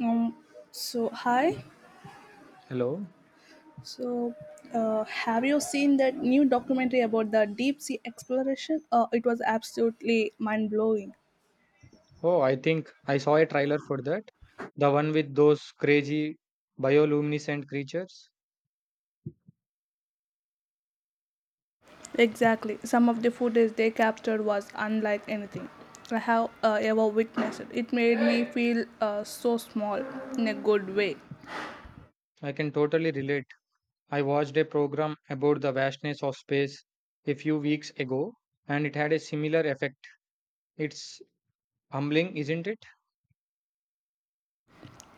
Um, so hi. Hello. So have you seen that new documentary about the deep sea exploration? It was absolutely mind blowing. Oh, I think I saw a trailer for that. The one with those crazy bioluminescent creatures. Exactly. Some of the footage they captured was unlike anything I have ever witnessed. It made me feel so small in a good way. I can totally relate. I watched a program about the vastness of space a few weeks ago, and it had a similar effect. It's humbling, isn't it?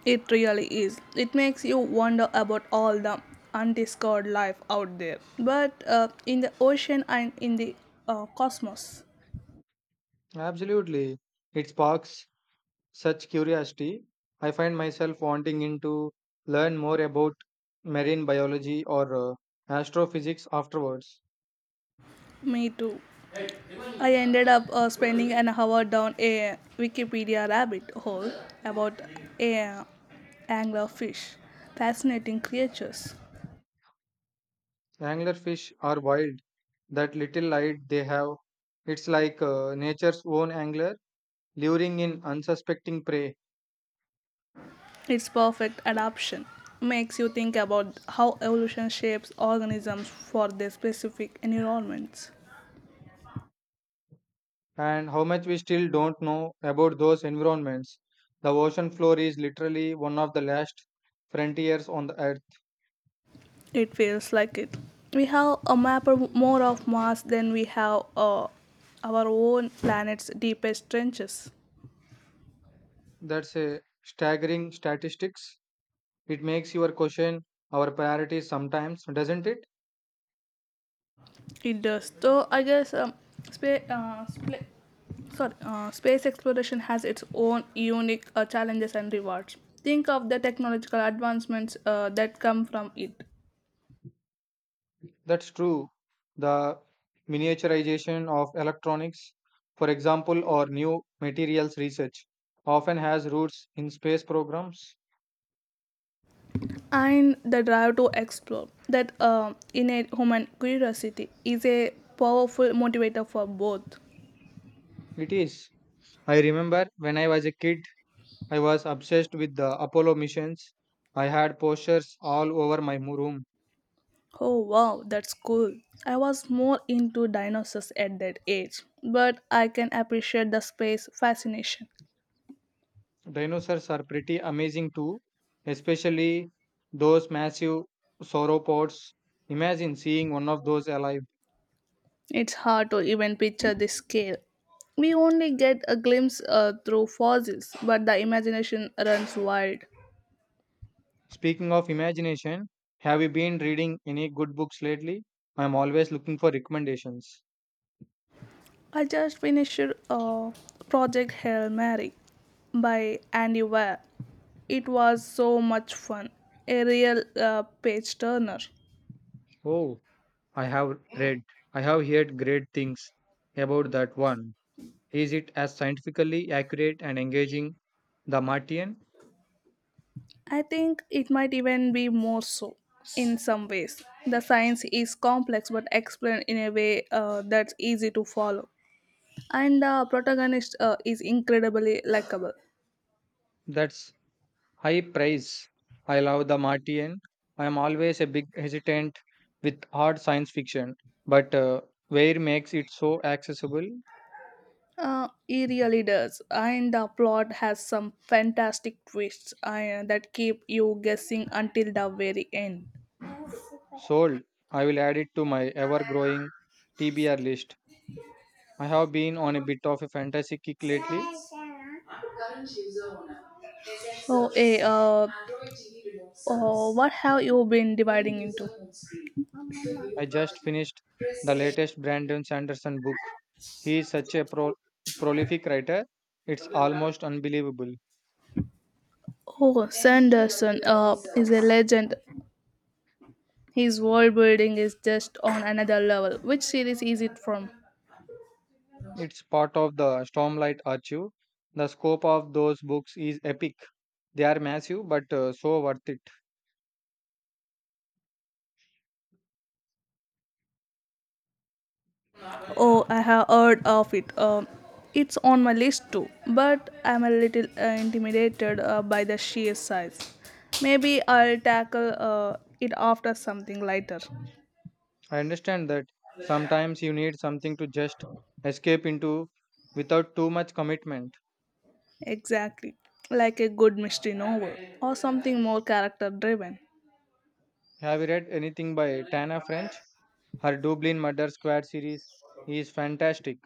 It really is. It makes you wonder about all the undiscovered life out there, but in the ocean and in the cosmos. Absolutely. It sparks such curiosity. I find myself wanting in to learn more about marine biology or astrophysics afterwards. Me too. I ended up spending an hour down a Wikipedia rabbit hole about a anglerfish. Fascinating creatures. Anglerfish are wild, that little light they have. It's like nature's own angler, luring in unsuspecting prey, Its perfect adaptation makes you think about how evolution shapes organisms for their specific environments. and how much we still don't know about those environments. The ocean floor is literally one of the last frontiers on the earth. It feels like it. We have a map of more of Mars than we have our own planet's deepest trenches. That's a staggering statistics. It makes your question our priorities sometimes, doesn't it? It does. So I guess spa- uh, spla- space exploration has its own unique challenges and rewards. Think of the technological advancements that come from it, That's true. The miniaturization of electronics, for example, or new materials research, often has roots in space programs. and the drive to explore. That innate human curiosity is a powerful motivator for both. It is. I remember when I was a kid, I was obsessed with the Apollo missions. I had posters all over my room. Oh wow, that's cool. I was more into dinosaurs at that age, but I can appreciate the space fascination. Dinosaurs are pretty amazing too, especially those massive sauropods. Imagine seeing one of those alive. It's hard to even picture the scale. We only get a glimpse through fossils, but the imagination runs wild. Speaking of imagination, have you been reading any good books lately? I'm always looking for recommendations. I just finished uh, Project Hail Mary by Andy Weir. It was so much fun, a real page turner. Oh, I have read, I have heard great things about that one. Is it as scientifically accurate and engaging? The Martian? I think it might even be more so in some ways. The science is complex but explained in a way that's easy to follow. And the protagonist is incredibly likable. That's high praise. I love The Martian. I am always a big hesitant with hard science fiction, but Ware makes it so accessible. He really does. And the plot has some fantastic twists that keep you guessing until the very end. Sold. I will add it to my ever growing TBR list. I have been on a bit of a fantasy kick lately. So, eh, uh, oh, what have you been dividing into? I just finished the latest Brandon Sanderson book. He is such a prolific writer, it's almost unbelievable. Oh, Sanderson is a legend. His world building is just on another level. Which series is it from? It's part of the Stormlight Archive. The scope of those books is epic. They are massive but so worth it. Oh, I have heard of it. It's on my list too, but I'm a little intimidated by the sheer size. Maybe I'll tackle it after something lighter. I understand that sometimes you need something to just escape into without too much commitment. Exactly, like a good mystery novel or something more character driven. Have you read anything by Tana French? Her Dublin Murder Squad series is fantastic.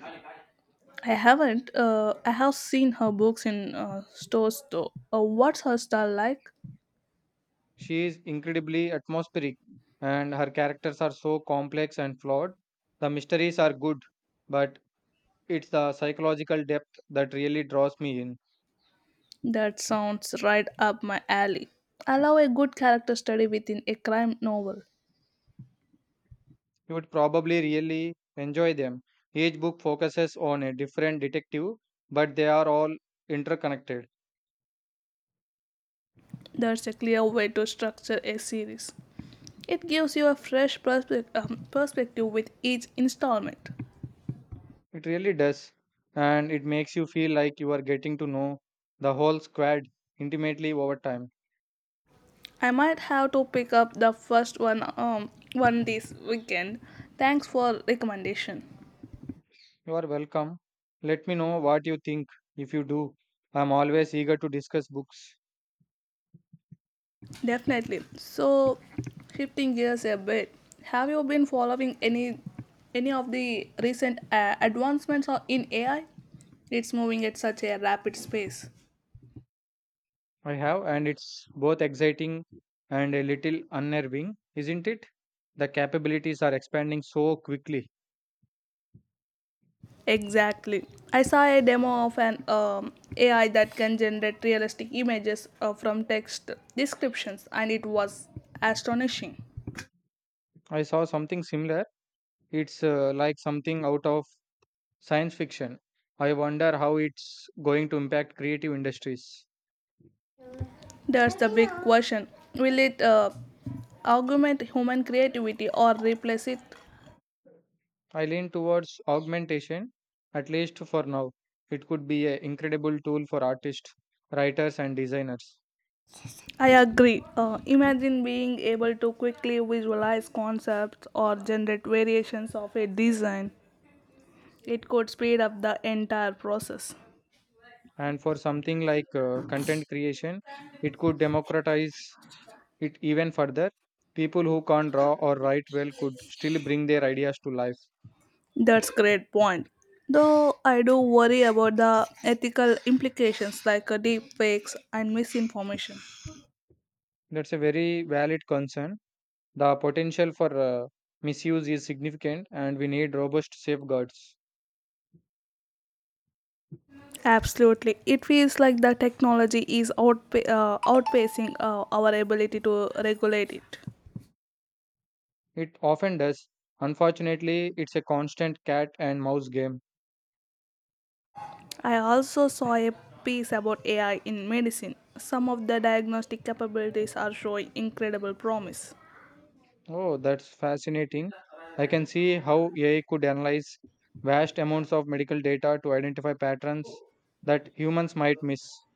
I haven't. I have seen her books in stores though. What's her style like? She is incredibly atmospheric, and her characters are so complex and flawed. The mysteries are good, but it's the psychological depth that really draws me in. That sounds right up my alley. I love a good character study within a crime novel. You would probably really enjoy them. Each book focuses on a different detective, but they are all interconnected. That's a clear way to structure a series. It gives you a fresh perspective with each installment. It really does, and it makes you feel like you are getting to know the whole squad intimately over time. I might have to pick up the first one one this weekend. Thanks for recommendation. You are welcome. Let me know what you think if you do. I'm always eager to discuss books. Definitely. So, shifting gears a bit, have you been following any of the recent in AI? It's moving at such a rapid pace. I have, and it's both exciting and a little unnerving, isn't it? The capabilities are expanding so quickly. Exactly. I saw a demo of an AI that can generate realistic images from text descriptions, and it was astonishing. I saw something similar. It's like something out of science fiction. I wonder how it's going to impact creative industries. There's the big question, will it augment human creativity or replace it? I lean towards augmentation, at least for now. It could be an incredible tool for artists, writers, and designers. I agree. Imagine being able to quickly visualize concepts or generate variations of a design, it could speed up the entire process. And for something like content creation, it could democratize it even further. People who can't draw or write well could still bring their ideas to life. That's great point. Though I do worry about the ethical implications, like deep fakes and misinformation. That's a very valid concern. The potential for misuse is significant, and we need robust safeguards. Absolutely. It feels like the technology is outpacing our ability to regulate it. It often does, unfortunately. It's a constant cat and mouse game. I also saw a piece about AI in medicine. Some of the diagnostic capabilities are showing incredible promise. Oh, that's fascinating. I can see how AI could analyze vast amounts of medical data to identify patterns that humans might miss.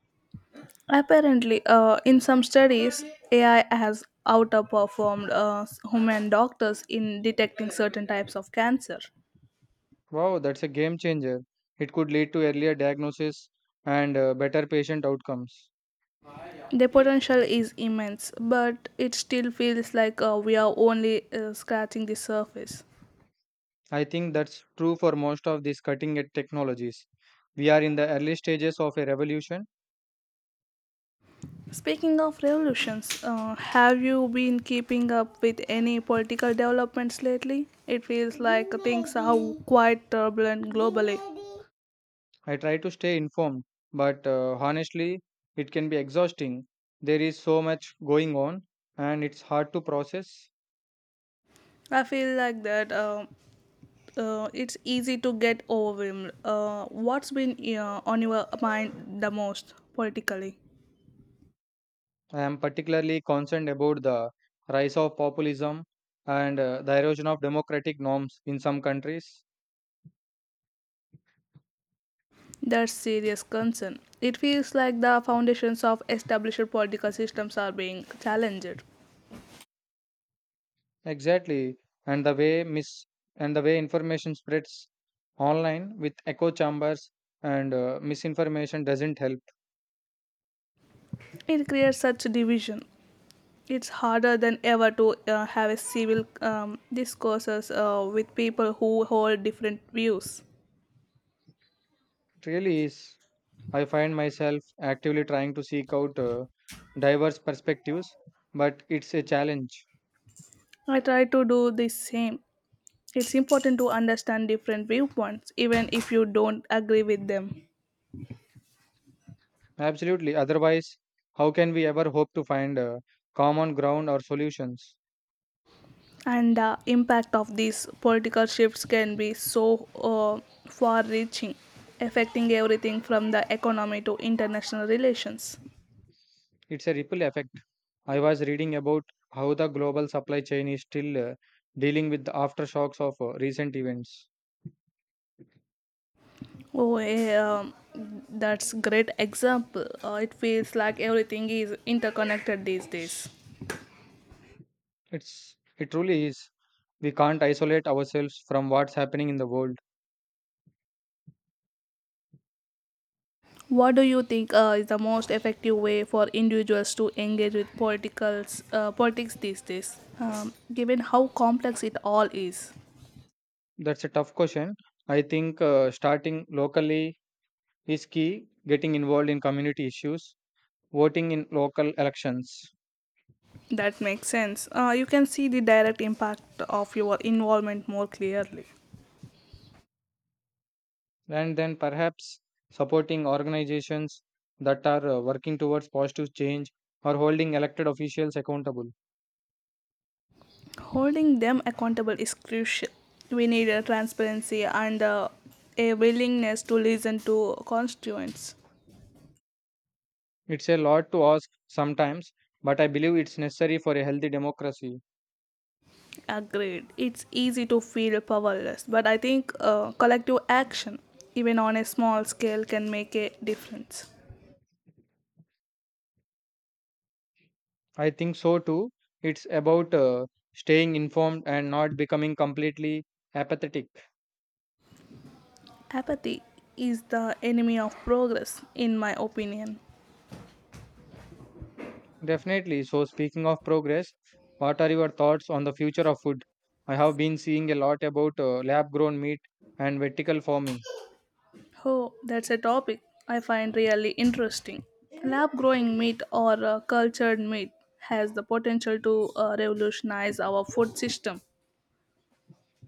Apparently, in some studies, AI has outperformed human doctors in detecting certain types of cancer. Wow, that's a game changer. It could lead to earlier diagnosis and better patient outcomes. The potential is immense, but it still feels like we are only scratching the surface. I think that's true for most of these cutting edge technologies. We are in the early stages of a revolution. Speaking of revolutions, have you been keeping up with any political developments lately? It feels like things are quite turbulent globally. I try to stay informed, but honestly, it can be exhausting. There is so much going on, and it's hard to process. I feel like that. It's easy to get overwhelmed. What's been on your mind the most politically? I am particularly concerned about the rise of populism and the erosion of democratic norms in some countries. That's serious concern. It feels like the foundations of established political systems are being challenged. Exactly, and the way mis and the way information spreads online with echo chambers and misinformation doesn't help. It creates such division. It's harder than ever to have a civil discourses with people who hold different views. It really is. I find myself actively trying to seek out diverse perspectives, but it's a challenge. I try to do the same. It's important to understand different viewpoints, even if you don't agree with them. Absolutely. Otherwise, how can we ever hope to find common ground or solutions? And the impact of these political shifts can be so far reaching, affecting everything from the economy to international relations. It's a ripple effect. I was reading about how the global supply chain is still dealing with the aftershocks of recent events. Oh eh, um, that's great example. It feels like everything is interconnected these days. It truly is. We can't isolate ourselves from what's happening in the world. What do you think is the most effective way for individuals to engage with politics these days, given how complex it all is? That's a tough question. I think starting locally is key. Getting involved in community issues, voting in local elections, That makes sense. You can see the direct impact of your involvement more clearly. and then perhaps supporting organizations that are working towards positive change, or holding elected officials accountable. Holding them accountable is crucial. We need a transparency and a willingness to listen to constituents. It's a lot to ask sometimes, but I believe it's necessary for a healthy democracy. Agreed. It's easy to feel powerless, but I think collective action, even on a small scale, can make a difference. I think so too. It's about staying informed and not becoming completely apathetic. Apathy is the enemy of progress, in my opinion. Definitely. So, speaking of progress, what are your thoughts on the future of food? I have been seeing a lot about lab grown meat and vertical farming. Oh, that's a topic I find really interesting. Lab growing meat, or cultured meat, has the potential to revolutionize our food system.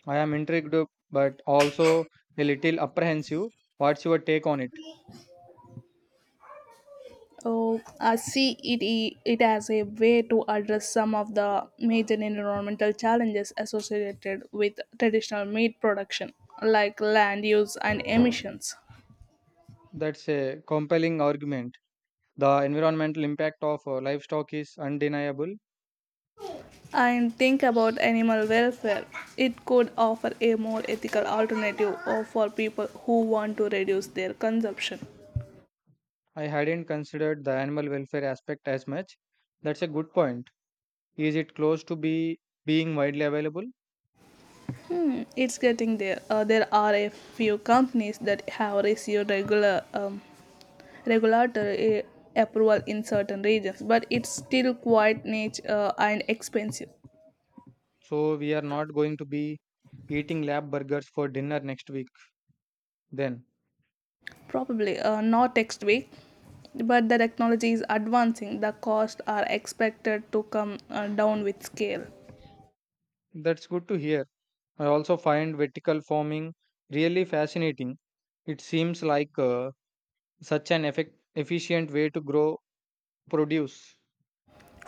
I am intrigued but also a little apprehensive. What's your take on it? Oh, I see it, it as a way to address some of the major environmental challenges associated with traditional meat production, like land use and emissions. That's a compelling argument. The environmental impact of livestock is undeniable. And think about animal welfare. It could offer a more ethical alternative or for people who want to reduce their consumption. I hadn't considered the animal welfare aspect as much. That's a good point. Is it close to be being widely available? It's getting there. There are a few companies that have received regular regulatory approval in certain regions, but it's still quite niche and expensive. So we are not going to be eating lab burgers for dinner next week then. Probably not next week, but the technology is advancing. The costs are expected to come down with scale. That's good to hear. I also find vertical farming really fascinating. It seems like such an efficient way to grow produce.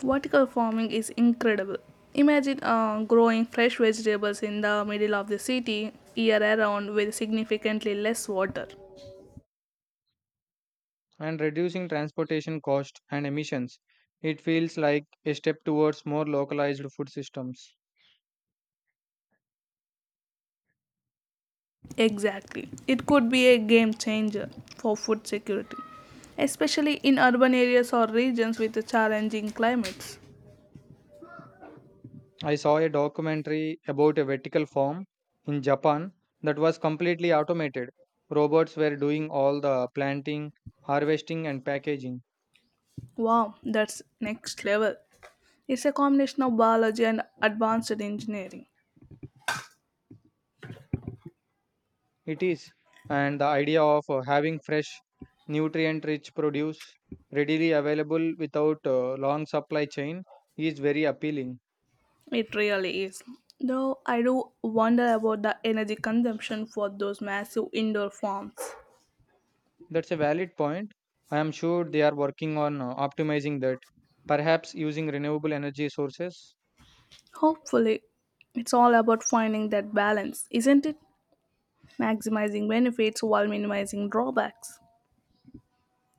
Vertical farming is incredible. Imagine growing fresh vegetables in the middle of the city year around with significantly less water. And reducing transportation cost and emissions. It feels like a step towards more localized food systems. Exactly. It could be a game changer for food security, especially in urban areas or regions with challenging climates. I saw a documentary about a vertical farm in Japan that was completely automated. Robots were doing all the planting, harvesting, and packaging. Wow, that's next level. It's a combination of biology and advanced engineering. It is, and the idea of having fresh, nutrient rich produce readily available without a long supply chain is very appealing. It really is. Though I do wonder about the energy consumption for those massive indoor farms. That's a valid point. I am sure they are working on optimizing that, perhaps using renewable energy sources. Hopefully, it's all about finding that balance, isn't it? Maximizing benefits while minimizing drawbacks.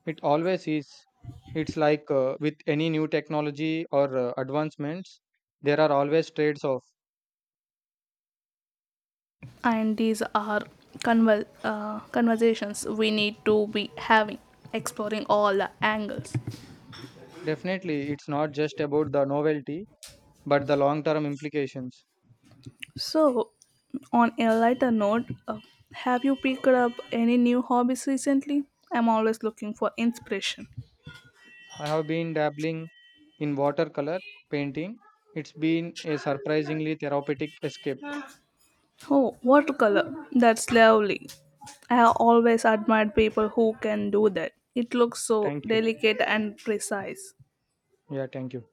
It always is. It's like with any new technology or advancements, there are always trades off. And these are conversations we need to be having, exploring all the angles. Definitely, it's not just about the novelty, but the long term implications. So, on a lighter note, have you picked up any new hobbies recently? I'm always looking for inspiration. I have been dabbling in watercolor painting. It's been a surprisingly therapeutic escape. Oh, watercolor. That's lovely. I have always admired people who can do that. It looks so Thank you. delicate and precise. Yeah, thank you.